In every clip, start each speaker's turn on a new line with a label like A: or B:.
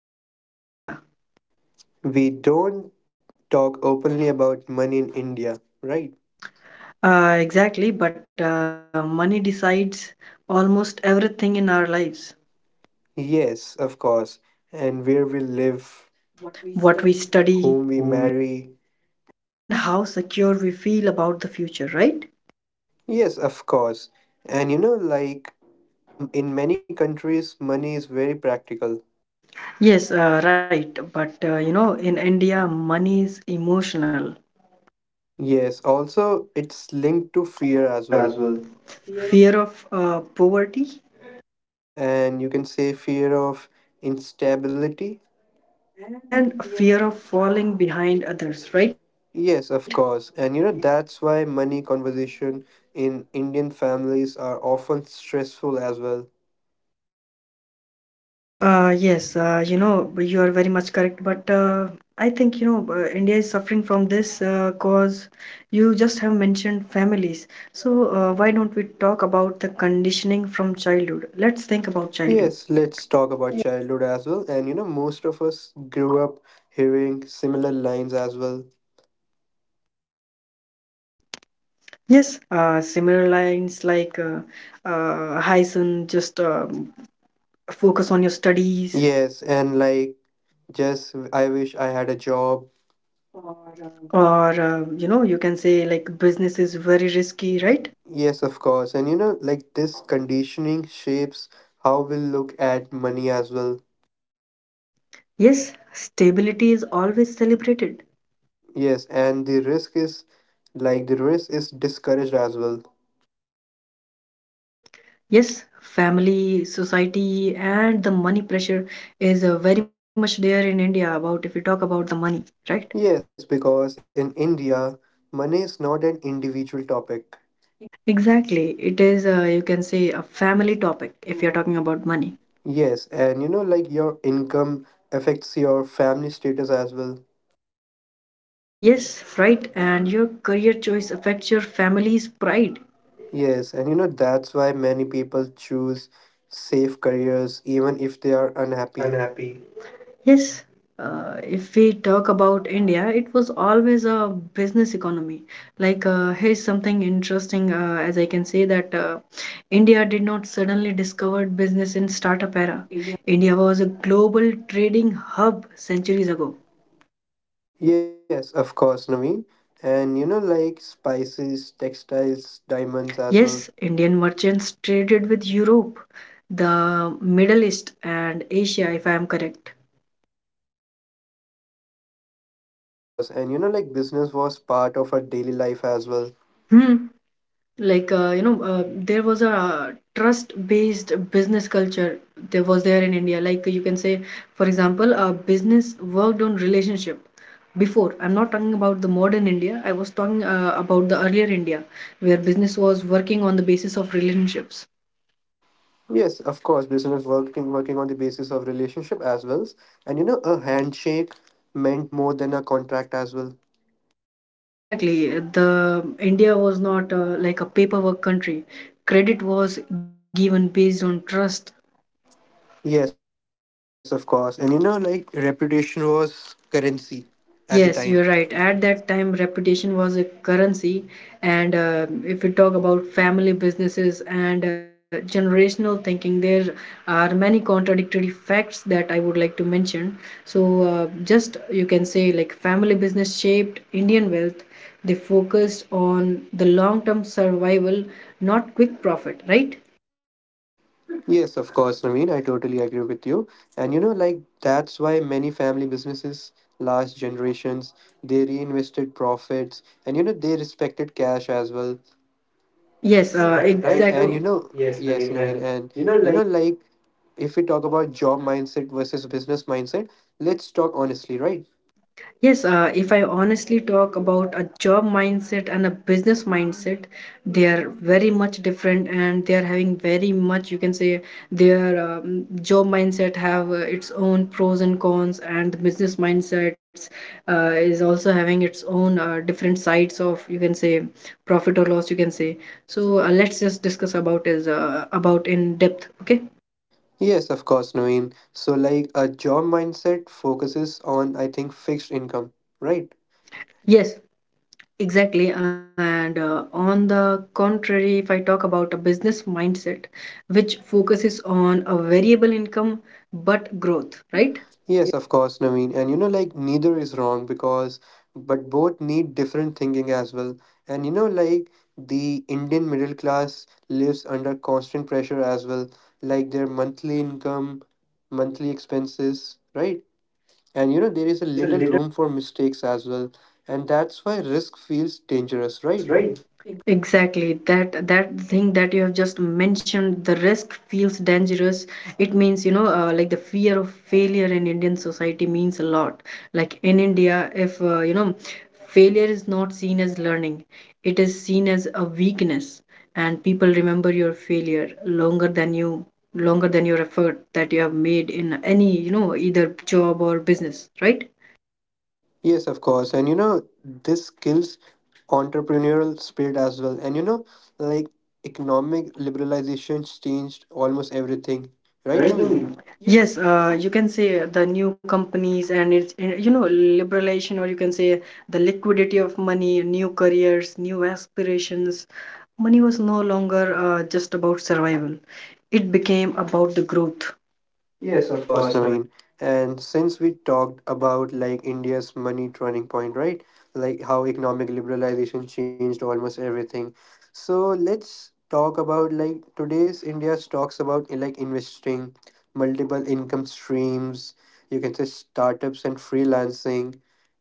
A: and money in India.
B: We don't talk openly about money in India, right?
A: Exactly, but money decides almost everything in our lives,
B: Yes, of course. And where we live,
A: what we study,
B: whom we marry.
A: and how secure we feel about the future, right?
B: Yes, of course. And you know, like in many countries, money is very practical.
A: Yes, right. But you know, in India, money is emotional.
B: Yes, also, it's linked to fear as
A: Fear
B: well.
A: as well. Fear of poverty,
B: And you can say fear of instability.
A: and fear of falling behind others, right?
B: Yes, of course. And you know, that's why money conversation in Indian families are often stressful as well.
A: Yes you know, you are very much correct, but I think india is suffering from this cause you just have mentioned families, so why don't we talk about the conditioning from childhood? Let's think about childhood.
B: Yes, let's talk about childhood as well. And you know, most of us grew up hearing similar lines as well.
A: Yes, similar lines like hi son, just focus on your studies,
B: Yes, and like, just I wish I had a job.
A: or you know, you can say like business is very risky, right?
B: Yes, of course. And you know, like this conditioning shapes how we look at money as well.
A: Yes, stability is always celebrated.
B: Yes, and the risk is like the risk is discouraged as well.
A: Yes, family, society, and the money pressure is very much there in India. About if you talk about the money, right?
B: Yes, because in India, money is not an individual topic.
A: Exactly. It is, you can say, a family topic if you're talking about money.
B: Yes, and you know, like your income affects your family status as well.
A: Yes, right. And your career choice affects your family's pride.
B: Yes, and you know, that's why many people choose safe careers even if they are
A: Are
B: unhappy.
A: unhappy. Yes, if we talk about India, it was always a business economy. Like, here's something interesting, as I can say that India did not suddenly discover business in startup era. India was a global trading hub centuries ago.
B: Yes, of course, Naveen. And you know, like spices, textiles, diamonds
A: As
B: as
A: well.
B: well.
A: Yes, Indian merchants traded with Europe, the Middle East, and Asia, if I am correct.
B: Yes, of course. And you know, like business was part of our daily life as well.
A: Hmm. Like there was a trust based business culture there was there in India, like you can say. For example, a business worked on relationship before. I'm not talking about the modern India, I was talking about the earlier India, where business was working on the basis of relationships.
B: Yes, of course, business working on the basis of relationship as well. And you know, a handshake meant more than a contract as well.
A: Exactly. The India was not like a paperwork country, credit was given based on trust
B: Yes, of course. And you know, like reputation was currency
A: at the
B: at
A: time.
B: the time.
A: Yes, you're right. At that time, reputation was a currency. And if we talk about family businesses and generational thinking, there are many contradictory facts that I would like to mention. So, just you can say, like, family business shaped Indian wealth. They focused on the long term survival, not quick profit, right?
B: Yes, of course, Naveen. I totally agree with you. And you know, like that's why many family businesses last generations. They reinvested profits, and you know, they respected cash as well.
A: Yes, right. And you
B: Right, and you
A: exactly.
B: know,
A: Yes,
B: yes,
A: Naveen,
B: Naveen,
A: and
B: and
A: you know,
B: you
A: like.
B: know, like if we talk about job mindset versus business mindset, let's talk honestly, right?
A: Yes, if I honestly talk about a job mindset and a business mindset, they are very much different, and they are having very much. You can say their job mindset have its own pros and cons, and the business mindsets is also having its own different sides of, you can say, profit or loss. You can say. So, let's just discuss about is about in depth. Okay.
B: Yes, of course, Naveen. So like a job mindset focuses on, I think, fixed income,
A: Right?
B: right?
A: Yes. Exactly. And on the contrary, if I talk about a business mindset, which focuses on a variable income but growth, right?
B: Yes, of course, Naveen. And you know, like neither is wrong because, but both need different thinking as well. And you know, like the Indian middle class lives under constant pressure as well, like their monthly income, monthly expenses, right? And you know,
A: And you
B: there
A: know,
B: is
A: there
B: a
A: is a
B: little
A: little.
B: room for mistakes as well. And that's why risk feels
A: It's
B: dangerous,
A: dangerous,
B: right?
A: right? Exactly. That thing that you have just mentioned, the risk feels dangerous. It means, you know, like the fear of failure in Indian society means a lot. Like in India, if you know, failure is not seen as learning, it is seen as a weakness, and people remember your failure longer than you, longer than your effort that you have made in any, you know, either job or business, right?
B: Yes, of course. And you know, this kills entrepreneurial spirit as well. And you know, like economic liberalizations changed almost everything. Right,
A: Right now.
B: Naveen?
A: Yes, you can say the new companies and it's and, you know, liberalization, or you can say the liquidity of money, new careers, new aspirations. Money was no longer just about survival. It became about the growth.
B: Yes,
A: Yes,
B: of
A: of
B: course,
A: course. Now,
B: Naveen. And since we talked about like India's money turning point, right? Like how economic liberalization changed almost everything. So let's talk about like today's India talks about like investing, multiple income streams, you can say startups and freelancing,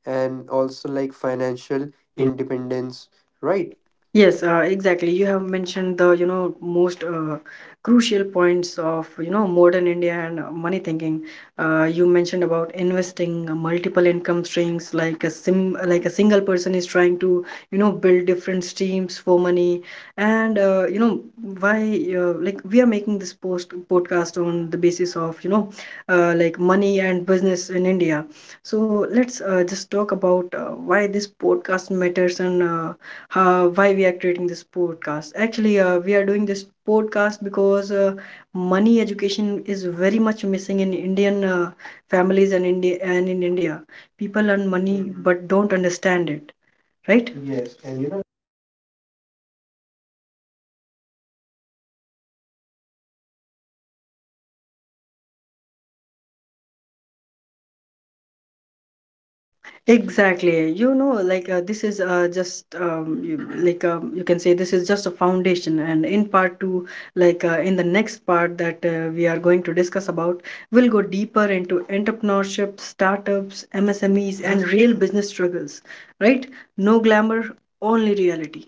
B: and also like financial
A: financial,
B: independence,
A: right?
B: right?
A: Yes, exactly. You have mentioned the, you know, most crucial points of, you know, modern India and money thinking. You mentioned about investing, multiple income streams, like a sim, like a single person is trying to, you know, build different streams for money. And you know, why, like, we are making this post podcast on the basis of, you know, like money and business in India. So let's just talk about why this podcast matters, and why we are creating this podcast. Actually we are doing this podcast because money education is very much missing in Indian families and India, and in India people
B: People
A: earn
B: learn
A: money.
B: money.
A: Mhm.
B: Mhm.
A: But
B: But
A: don't
B: don't
A: understand
B: understand
A: it,
B: it.
A: right? Yes.
B: Yes,
A: And you
B: and
A: know,
B: you know, like people want business success but don't understand risk as well. And we want to change that conversation. That's why. And this was the foundation, mindset, and history, right?
A: exactly. You know, like this is just you, like you can say this is just a foundation. And in part two, like in the next part that we are going to discuss about, we'll go deeper into entrepreneurship, startups, MSMEs, and real business struggles. Right? No glamour, only reality.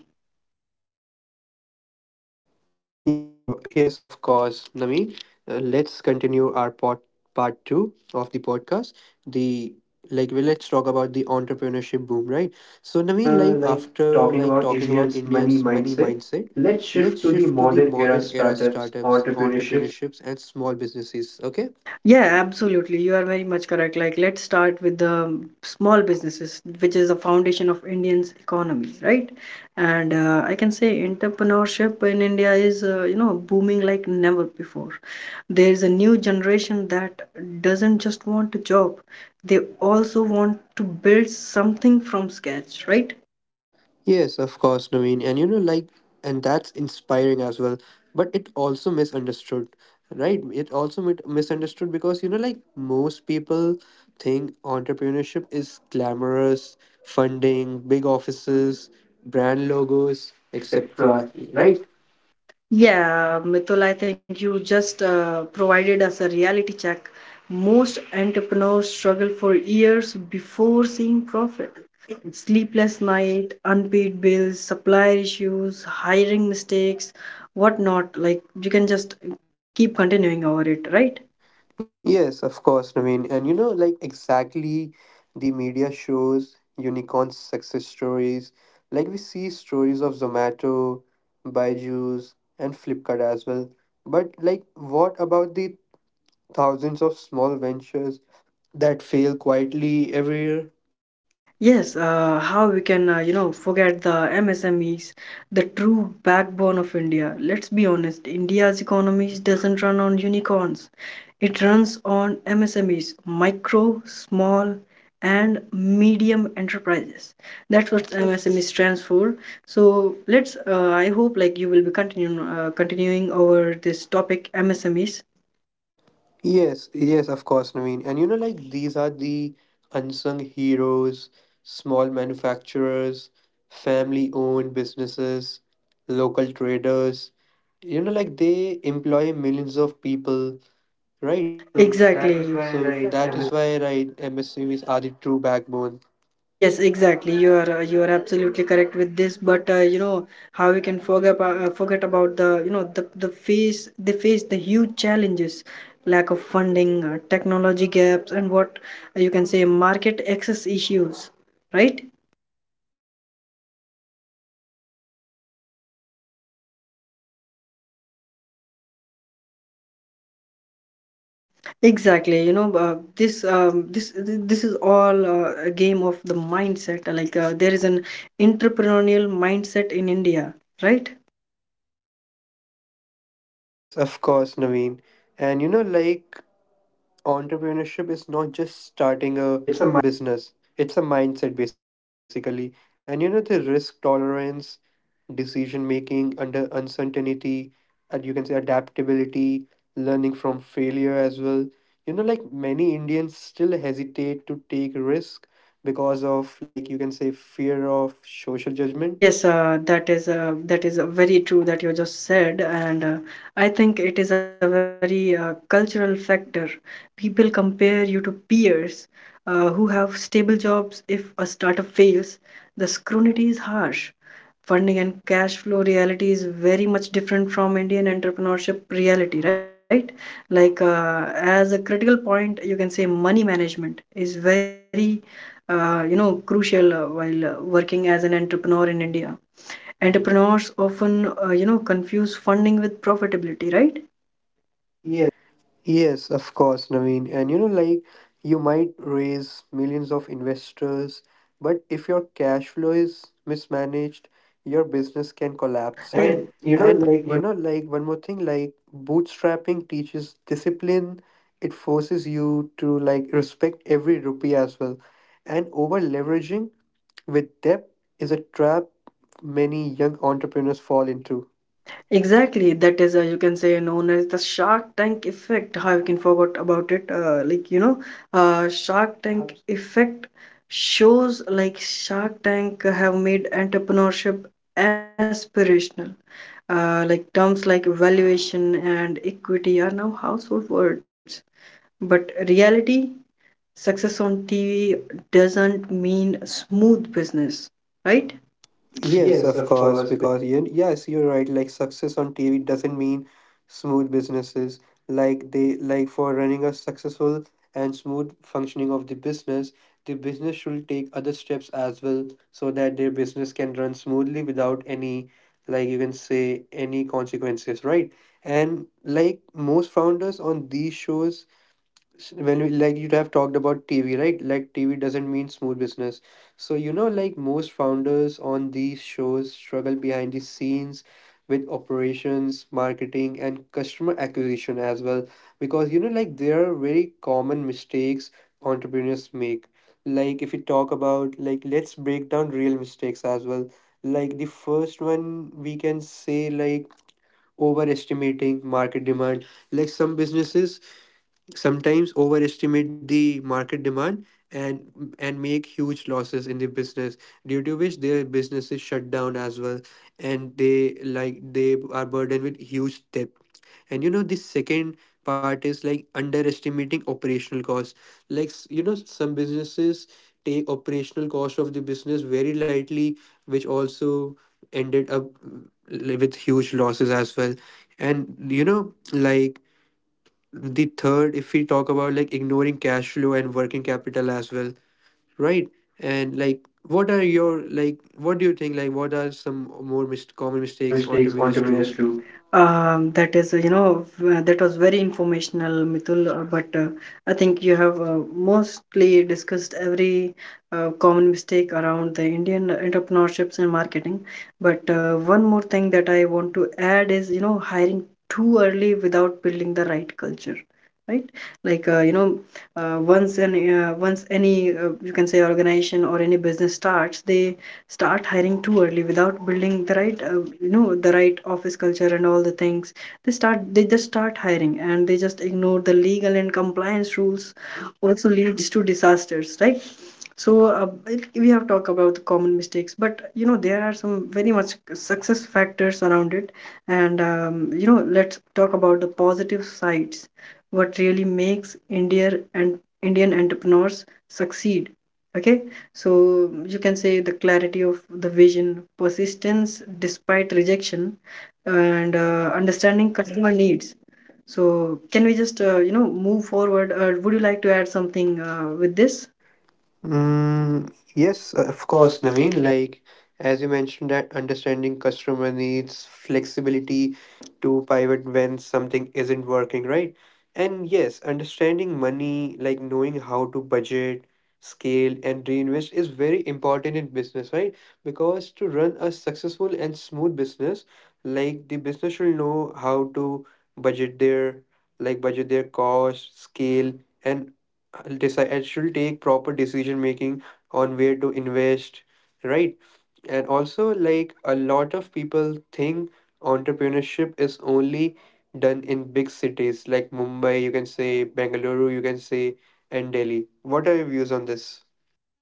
B: Yes, of course, Naveen. Let's continue our pod, part two of the podcast. The like, well, let's talk about the entrepreneurship boom, right? So, Naveen, like
A: After
B: after
A: like
B: like
A: talking
B: talking
A: about
B: about
A: Indians'
B: Indians'
A: money
B: money
A: mindset,
B: mindset,
A: let's
B: let's
A: shift to
B: shift
A: the
B: to the
A: modern
B: modern
A: era
B: era
A: startups,
B: startups,
A: entrepreneurship.
B: entrepreneurships, and small businesses. Okay.
A: Yeah, absolutely. You are very much correct. Like, let's start with the small businesses, which is the foundation of Indian's economy, right? And I can say entrepreneurship in India is, you know, booming like never before. There is a new generation that doesn't just want a job, they also want to build something from scratch, right?
B: Yes, of course, Naveen. And you know, like, and that's inspiring as well. But it also misunderstood, right? It also misunderstood because, you know, like, most people think entrepreneurship is glamorous, funding, big offices, brand logos, etc.
A: Right.
B: Right?
A: Yeah, Mitul, I think you just provided us a reality check. Most entrepreneurs struggle for years before seeing profit. Sleepless night, unpaid bills, supplier issues, hiring mistakes, whatnot. Like you can just keep continuing over it, right?
B: Yes, of course, Naveen. And you know, like exactly the media shows unicorn success stories. Like we see stories of Zomato, Byju's, and Flipkart as well. But like, what about the thousands of small ventures that fail quietly every year?
A: Yes, how we can, you know, forget the MSMEs, the true backbone of India. Let's be honest, India's economy doesn't run on unicorns. It runs on MSMEs, micro, small, and medium enterprises. That's what MSME stands for. So let's, I hope like you will be continuing continuing over this topic, MSMEs.
B: Yes, of course, Naveen. And you know, like these are the unsung heroes, small manufacturers, family owned businesses, local traders. You know, like they employ millions of people,
A: Right.
B: right?
A: So that
B: So
A: exactly. is
B: that
A: why,
B: is why,
A: right?
B: right, MSMEs are the true backbone.
A: Yes, exactly. You are absolutely correct with this. But you know, how we can forget forget about the, you know, the face they face the huge challenges, lack of funding, technology gaps, and what you can say market access issues, right?
B: Yes, of course, Naveen. And you know, and yet they survive and innovate every single day. They form the backbone of India's GDP as well.
A: Exactly. You know this is all a game of the mindset. Like there is an entrepreneurial mindset in India, right?
B: Yes, of course, Naveen. And you know, like entrepreneurship is not just starting a
A: It's a.
B: business, it's a mindset basically. And you know, the risk tolerance, decision making under uncertainty, and you can say adaptability, learning from failure as well. You know, like many Indians still hesitate to take risk because of like you can say fear of social judgment.
A: Yes, that is very true that you just said, and I think it is a very cultural factor. People compare you to peers who have stable jobs. If a startup fails, the scrutiny is harsh. Funding and cash flow reality is very much different from Indian entrepreneurship reality, right? Like as a critical point, you can say money management is very you know crucial while working as an entrepreneur in India. Entrepreneurs often, you know, confuse funding with profitability, right? Yes,
B: Yes, of course, Naveen. And you know, like you might raise millions of investors, but if your cash flow is mismanaged, your business can collapse,
A: right.
B: right?
A: And
B: And
A: you
B: you know,
A: know,
B: like
A: like
B: one
A: what
B: more thing, like bootstrapping teaches discipline. It forces you to like respect every rupee as well. And over leveraging with debt is a trap many young entrepreneurs fall into.
A: exactly, that is, you can say, known as the Shark Tank effect. How you can forget about it? Like you know, Shark Tank effect shows, like Shark Tank have made entrepreneurship aspirational. Like terms like valuation and equity are now household words, but reality, success on TV doesn't mean smooth business, right?
B: Yes,
A: Yes,
B: of
A: of
B: course,
A: course.
B: because you, yes, you're right. Like success on TV doesn't mean smooth businesses. Like they like for running a successful and smooth functioning of the business should take other steps as well so that their business can run smoothly without any like you can say any consequences, right? And like most founders on these shows when we, like you have talked about TV, right? Like TV doesn't mean smooth business. So you know, like most founders on these shows struggle behind the scenes with operations, marketing, and customer acquisition as well, because you know, like there are very common mistakes entrepreneurs make. Like if you talk about like let's break down real mistakes as well. Like the first one we can say like overestimating market demand. Like some businesses sometimes overestimate the market demand and make huge losses in the business due to which their businesses shut down as well, and they like they are burdened with huge debt. And you know, the second part is like underestimating operational costs, like you know, some businesses take operational cost of the business very lightly, which also ended up with huge losses as well. And you know, like the third, if we talk about like ignoring cash flow and working capital as well, right? And like what are your like what do you think, like what are some more
A: More mis-
B: common
A: common
B: mistakes
A: mistakes on
B: entrepreneurs do?
A: terminus 2? That is, you know, v- that was very informational, Mitul. But I think you have mostly discussed every common mistake around the Indian entrepreneurships and marketing. But one more thing that I want to add is, you know, hiring too early without building the right culture. Right, like you know, once any you can say organization or any business starts, they start hiring too early without building the right you know the right office culture and all the things. They just start hiring and they just ignore the legal and compliance rules, also leads to disasters, right? So it- we have talked about the common mistakes, but you know there are some very much success factors around it. And you know, let's talk about the positive sides, what really makes India and Indian entrepreneurs succeed. Okay. So you can say the clarity of the vision, persistence despite rejection, and understanding customer needs. So can we just you know move forward? Would you like to add something with this? Mm, yes,
B: Yes,
A: of
B: of
A: course,
B: course, Naveen.
A: Naveen.
B: Like, as you mentioned, that understanding customer needs flexibility to pivot when something isn't working, right? And yes, understanding money, like knowing how to budget, scale, and reinvest is very important in business, right? Because to run a successful and smooth business, like the business should know how to budget their like budget their cost, scale, and I'll decide and she take proper decision making on where to invest, right? And also, like a lot of people think entrepreneurship is only done in big cities like Mumbai, you can say, Bangalore, you can say, and Delhi. What are your views on this?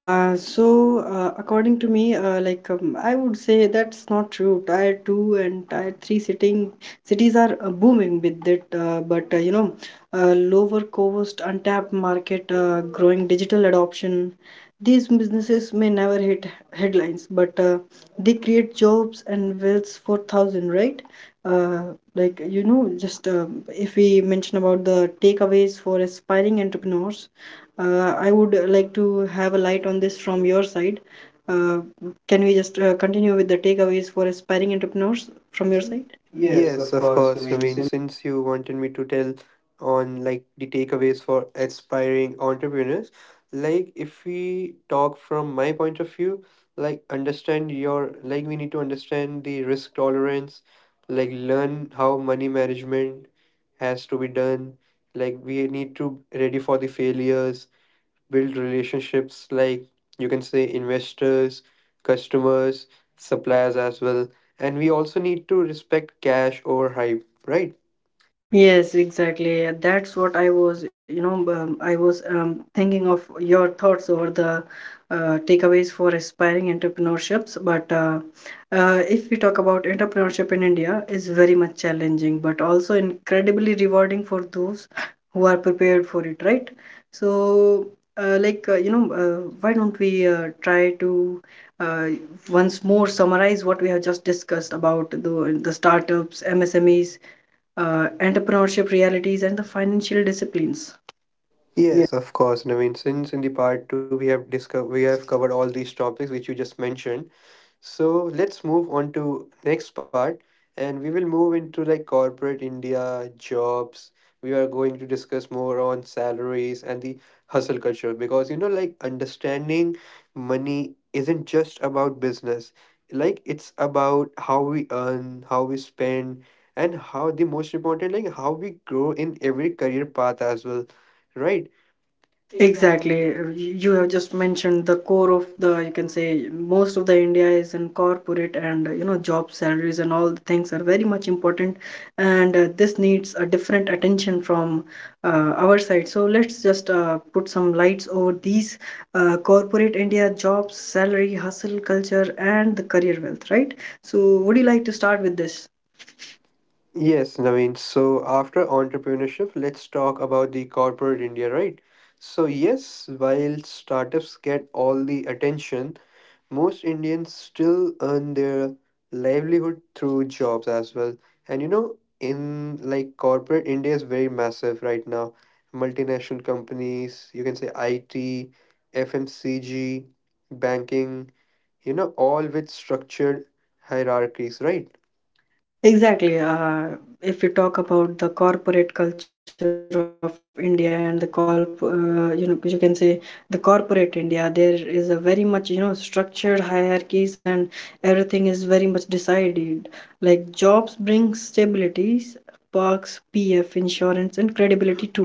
A: So, according to me, like I would say that's not true. Tier two and tier three sitting cities are booming with it, but you know, uh, lower cost, untapped market, growing digital adoption. These businesses may never hit headlines, but they create jobs and wealth for thousand, right? Uh, like you know, just if we mention about the takeaways for aspiring entrepreneurs, I would like to have a light on this from your side. Uh, can we just continue with the takeaways for aspiring entrepreneurs from your side? Yes,
B: Yes,
A: of
B: of
A: course. I
B: course,
A: mean,
B: Naveen.
A: since
B: Since you wanted me to tell on like the takeaways for aspiring entrepreneurs, like if we talk from my point of view, like understand your like we need to understand the risk tolerance, like learn how money management has to be done. Like we need to ready for the failures, build relationships like you can say investors, customers, suppliers as well. And we also need to respect cash over hype, right?
A: yes, exactly. and That's what I was, I was thinking of your thoughts over the takeaways for aspiring entrepreneurships. But if we talk about entrepreneurship in India, is very much challenging, but also incredibly rewarding for those who are prepared for it, right? So, why don't we try to uh, once more summarize what we have just discussed about the startups, MSMEs, entrepreneurship realities and the financial disciplines. Yeah.
B: Yes, of course, Naveen. Since in the part two we have discovered we have covered all these topics which you just mentioned, so let's move on to next part, and we will move into like corporate India, jobs. We are going to discuss more on salaries and the hustle culture, because you know like understanding money isn't just about business. Like it's about how we earn, how we spend, and how the most important, like how we grow in every career path as well, right?
A: Exactly. You have just mentioned the core of the, you can say, most of the India is in corporate and, job salaries and all the things are very much important. And this needs a different attention from our side. So let's just put some lights over these corporate India jobs, salary, hustle, culture, and the career wealth, right? So would you like to start with this?
B: Yes, Naveen. So after entrepreneurship, let's talk about the corporate India, right? So yes, while startups get all the attention, most Indians still earn their livelihood through jobs as well. And you know, in like corporate India is very massive right now. Multinational companies, you can say IT, FMCG, banking, you know, all with structured hierarchies, right?
A: Exactly. If we talk about the corporate culture of India and you know, you can say the corporate India, there is a very much, you know, structured hierarchies and everything is very much decided. Like jobs bring stabilities, perks, PF, insurance, and credibility too.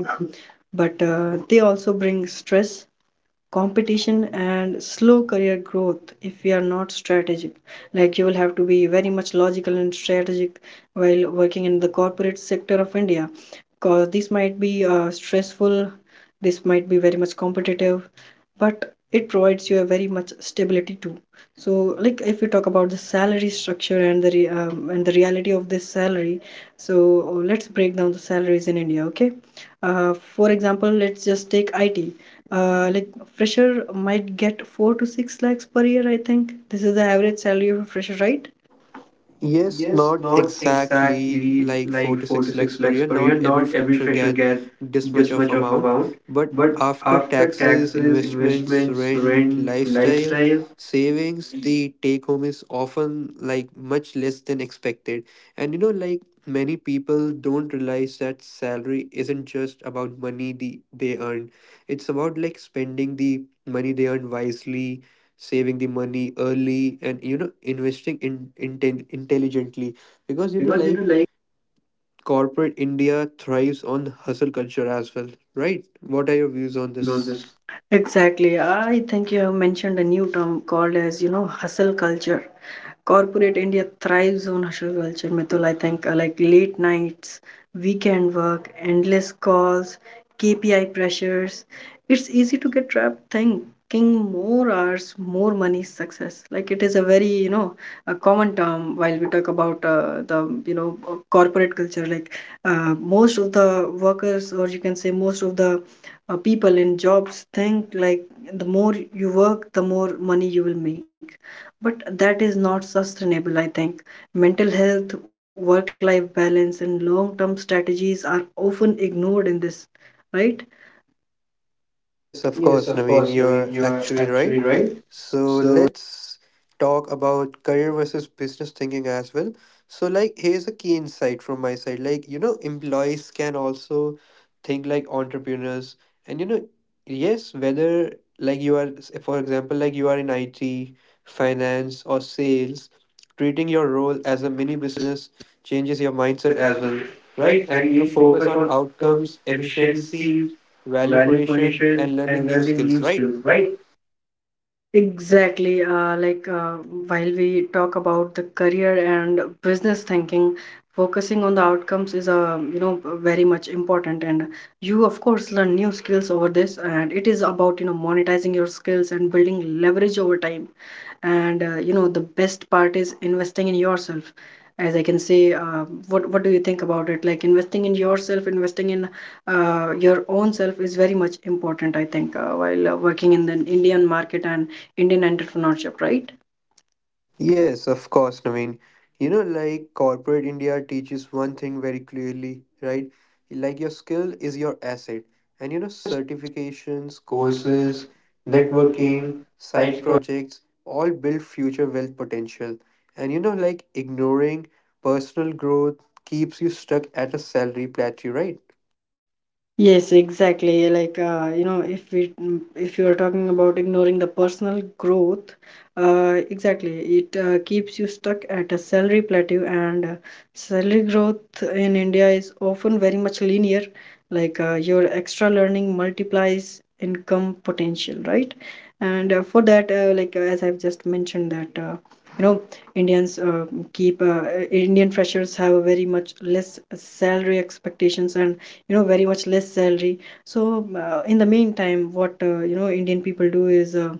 A: But they also bring stress, competition and slow career growth if we are not strategic, like you will have to be very much logical and strategic while working in the corporate sector of India, because this might be stressful, this might be very much competitive, but it provides you a very much stability too. So like if we talk about the salary structure and and the reality of this salary, so let's break down the salaries in India. Okay, for example, let's just take it, uh, like fresher might get 4 to 6 lakhs per year. I think this is the average salary of a fresher, right?
B: Yes,
A: Yes,
B: not
A: not
B: exactly
A: exactly
B: like four
A: like
B: to
A: four to
B: six
A: six
B: lakhs per
A: lakhs
B: year.
A: per year.
B: Not
A: Not
B: every
A: every
B: fresher
A: fresher
B: get
A: get
B: this much
A: this
B: of
A: much of
B: amount,
A: amount,
B: but
A: but
B: after
A: after
B: taxes,
A: taxes,
B: investments,
A: investments,
B: rent,
A: rent,
B: lifestyle,
A: lifestyle,
B: savings, the take home is often like much less than expected. And you know, like many people don't realize that salary isn't just about money the, they earn. It's about like spending the money they earn wisely, saving the money early, and you know, investing in, inten intelligently, because you know
A: because you know,
B: like
A: like,
B: corporate India thrives on hustle culture as well, right? What are your
A: what are
B: views
A: your
B: on
A: views on
B: this?
A: this? Exactly. I think you have mentioned a new term called as, you know, hustle culture. Corporate India thrives on hustle culture, Mitul. I think like late nights, weekend work, endless calls, KPI pressures. It's easy to get trapped thinking more hours, more money, success. Like it is a very, you know, a common term while we talk about the corporate culture. Like most of the workers, or you can say most of the people in jobs, think like the more you work, the more money you will make, but that is not sustainable, I think. Mental health, work life balance, and long term strategies are often ignored in this, right?
B: Yes,
A: Yes,
B: of
A: of
B: course,
A: course,
B: Naveen,
A: Naveen, you
B: you're
A: are
B: actually
A: actually
B: right.
A: right.
B: So
A: So,
B: let's talk about career versus business thinking as well. So, like, here's a key insight from my side. Like, you know, employees can also think like entrepreneurs. And, you know, yes, whether like you are, for example, like you are in IT, finance, or sales, treating your role as a mini business
A: as
B: changes your mindset as
A: well,
B: well, right?
A: right?
B: And
A: And
B: you
A: you
B: focus
A: focus
B: on
A: on
B: outcomes, efficiency,
A: efficiency,
B: value
A: value
B: creation,
A: creation,
B: and
A: and
B: learning new
A: learning new
B: skills, right?
A: skills, right? Exactly. While we talk about the career and business thinking, focusing on the outcomes is you know very much important. And you of course learn new skills over this, and it is about you know monetizing your skills and building leverage over time. And you know the best part is investing in yourself. As I can say, what do you think about it? Like investing in yourself, investing in your own self is very much important. I think while working in the Indian market and Indian entrepreneurship, right?
B: Yes, of course, Naveen. You know, like corporate India teaches one thing very clearly, right? Like your skill is your asset. And you know, certifications, courses,
A: Courses,
B: networking,
A: networking,
B: side projects
A: side.
B: all build future wealth potential. And you know, like ignoring personal growth keeps you stuck at a salary plateau, right?
A: Yes, exactly. Like, if we mm, if you are talking about ignoring the personal growth, exactly, it keeps you stuck at a salary plateau, and salary growth in India is often very much linear. Like, your extra learning multiplies income potential, right? And for that, like as I've just mentioned, that you know, Indians keep Indian freshers have a very much less salary expectations and you know very much less salary. So in the meantime, what Indian people do is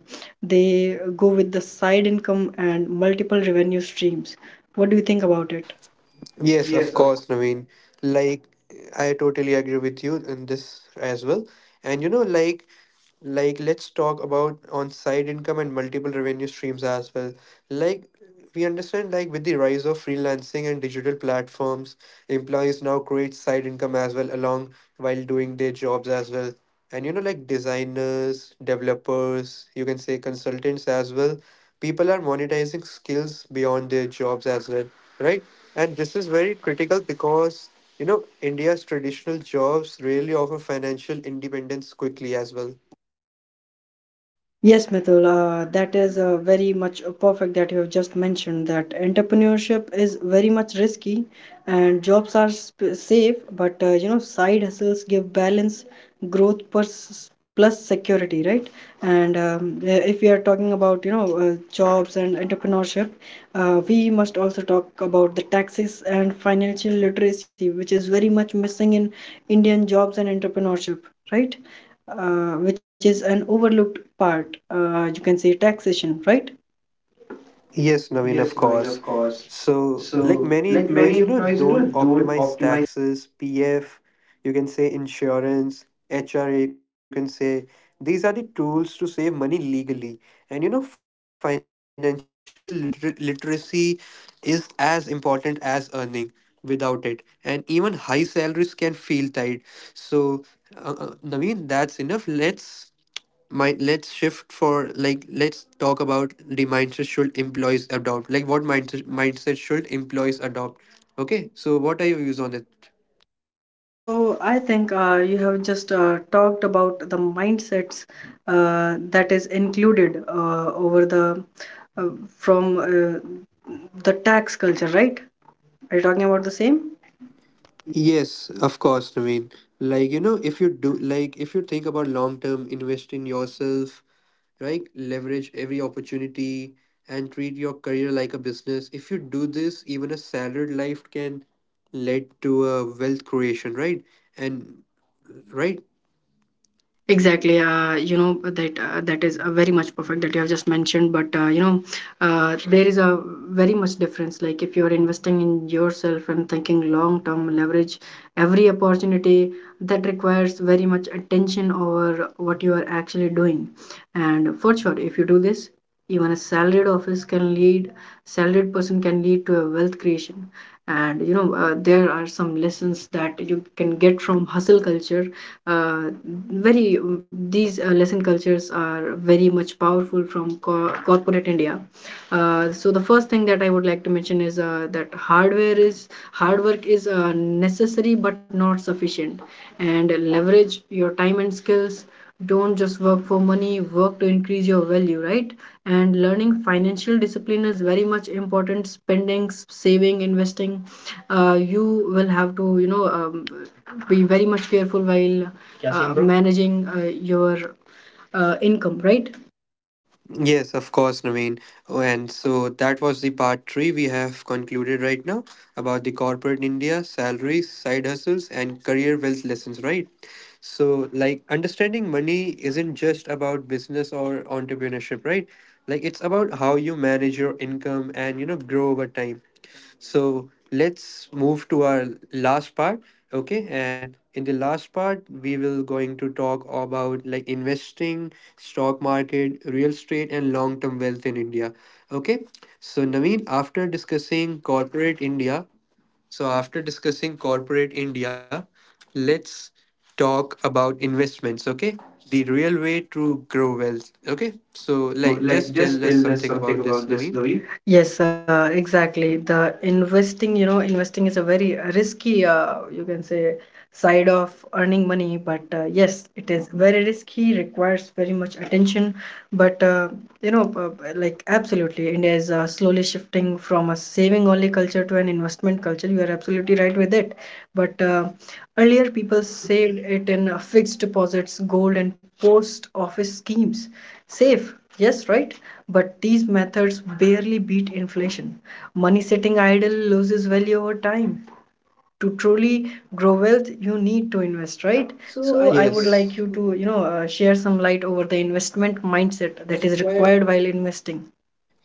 A: they go with the side income and multiple revenue streams. What do you think about it?
B: Yes, of
A: Yes, of.
B: course, Naveen. Like, I totally agree with you in this as well. And you know, like let's talk about on side income and multiple revenue streams as well. Like, we understand, like, with the rise of freelancing and digital platforms, employees now create side income as well along while doing their jobs as well. And you know, like designers, developers, you can say consultants as well, people are monetizing skills beyond their jobs as well, right? And this is very critical because, you know, India's traditional jobs rarely offer financial independence quickly as well.
A: Yes, Mithul, that is very much perfect that you have just mentioned, that entrepreneurship is very much risky and jobs are safe, but you know, side hustles give balance, growth plus, plus security, right? And If we are talking about, you know, jobs and entrepreneurship, we must also talk about the taxes and financial literacy, which is very much missing in Indian jobs and entrepreneurship, right? Which is an overlooked part. You can say taxation, right?
B: Yes, Naveen, of
A: Yes, Naveen, of
B: course.
A: course.
B: So, like
A: So,
B: many
A: like many
B: employees, you know,
A: employees, you know,
B: don't
A: don't
B: optimize
A: optimize.
B: taxes, PF, you can say insurance, HRA, you can say these are the tools to save money legally. And you know, financial literacy is as important as earning without it. And even high salaries can feel tight. So, Naveen, that's enough. Let's mind let's shift for, like, let's talk about the mindset should employees adopt, like what mindset should employees adopt? Okay, so what are your views on it?
A: So I think you have just talked about the mindsets that is included over the uh, from the tax culture, right? Are you talking about the same?
B: Yes, of course, I mean, like, you know, if you do, like, if you think about long term, invest in yourself, right, leverage every opportunity, and treat your career like a business. If you do this, even a salaried life can lead to a wealth creation, right? And right.
A: Exactly. That is very much perfect that you have just mentioned. But there is a very much difference. Like if you are investing in yourself and thinking long term, leverage every opportunity, that requires very much attention over what you are actually doing. And for sure, if you do this, even a salaried office can lead, salaried person can lead to a wealth creation. And you know, there are some lessons that you can get from hustle culture. Uh, very These lesson cultures are very much powerful from corporate India. So the first thing that I would like to mention is that hard work is necessary but not sufficient, and leverage your time and skills. Don't just work for money, work to increase your value, right? And learning financial discipline is very much important. Spending, saving, investing, you will have to be very much careful while, yeah, managing your income, right?
B: Yes, of course, Naveen. Oh, and so that was the part three we have concluded right now, about the corporate India, salaries, side hustles, and career wealth lessons, right? So, like, understanding money isn't just about business or entrepreneurship, right? Like, it's about how you manage your income and, you know, grow over time. So let's move to our last part. Okay, and in the last part, we will going to talk about, like, investing, stock market, real estate, and long term wealth in India. Okay, so Naveen, after discussing corporate India, let's talk about investments. Okay, the real way to grow wealth. Okay,
A: Okay.
B: so
A: So,
B: like
A: like,
B: just
A: just
B: tell us
A: tell us
B: something
A: something
B: about this,
A: about this,
B: Naveen.
A: Louis. Yes, exactly. The investing, you know, investing is a very risky, you can say, side of earning money. But yes, it is very risky, requires very much attention. But, you know, like, absolutely, India is slowly shifting from a saving only culture to an investment culture. You are absolutely right with it. But Earlier, people saved it in fixed deposits, gold, and post office schemes. Safe, yes, right? But these methods barely beat inflation. Money sitting idle loses value over time. To truly grow wealth, you need to invest, right? So, I would yes,
B: Yes.
A: like yes, you to, you know, share some light over the investment mindset that is required while investing.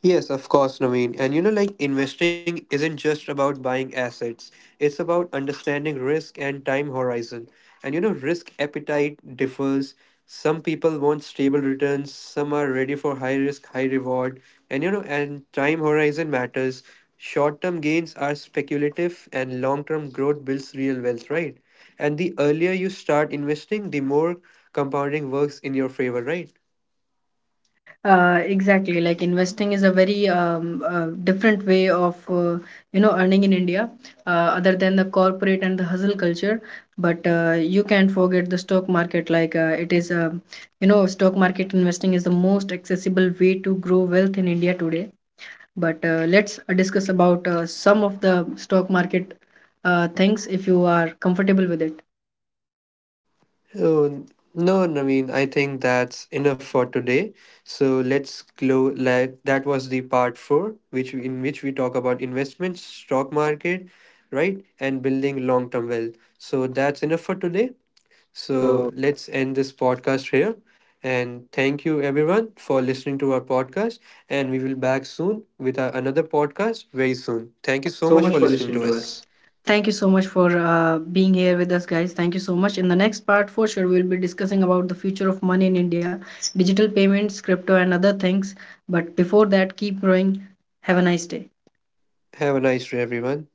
B: Yes, of course, Naveen. And you know, like investing isn't just about buying assets, it's about understanding risk and time horizon. And you know, risk appetite differs. Some people want stable returns, some are ready for high risk, high reward. And you know, and time horizon matters. Short term gains are speculative, and long term growth builds real wealth, right? And the earlier you start investing, the more compounding works in your favor, right?
A: Exactly. Like investing is a very different way of you know earning in India, other than the corporate and the hustle culture. But you can't forget the stock market. Like it is, um, you know, stock market investing is the most accessible way to grow wealth in India today. But let's discuss about some of the stock market things if you are comfortable with it.
B: Oh, no, Naveen, I think that's enough for today. So let's close. Like, that was the part four, which in which we talk about investments, stock market, right, and building long-term wealth. So that's enough for today.
A: So
B: So let's end this podcast here. And thank you everyone for listening to our podcast. And we will back soon with our, another podcast very soon. Thank you
A: thank you
B: so
A: so
B: much
A: much
B: for
A: for
B: listening
A: listening
B: to
A: to
B: us.
A: us. Thank you so much for being here with us, guys. Thank you so much. In the next part, for sure, we'll be discussing about the future of money in India, digital payments, crypto, and other things. But before that, keep growing. Have a nice day.
B: Have a nice day, everyone.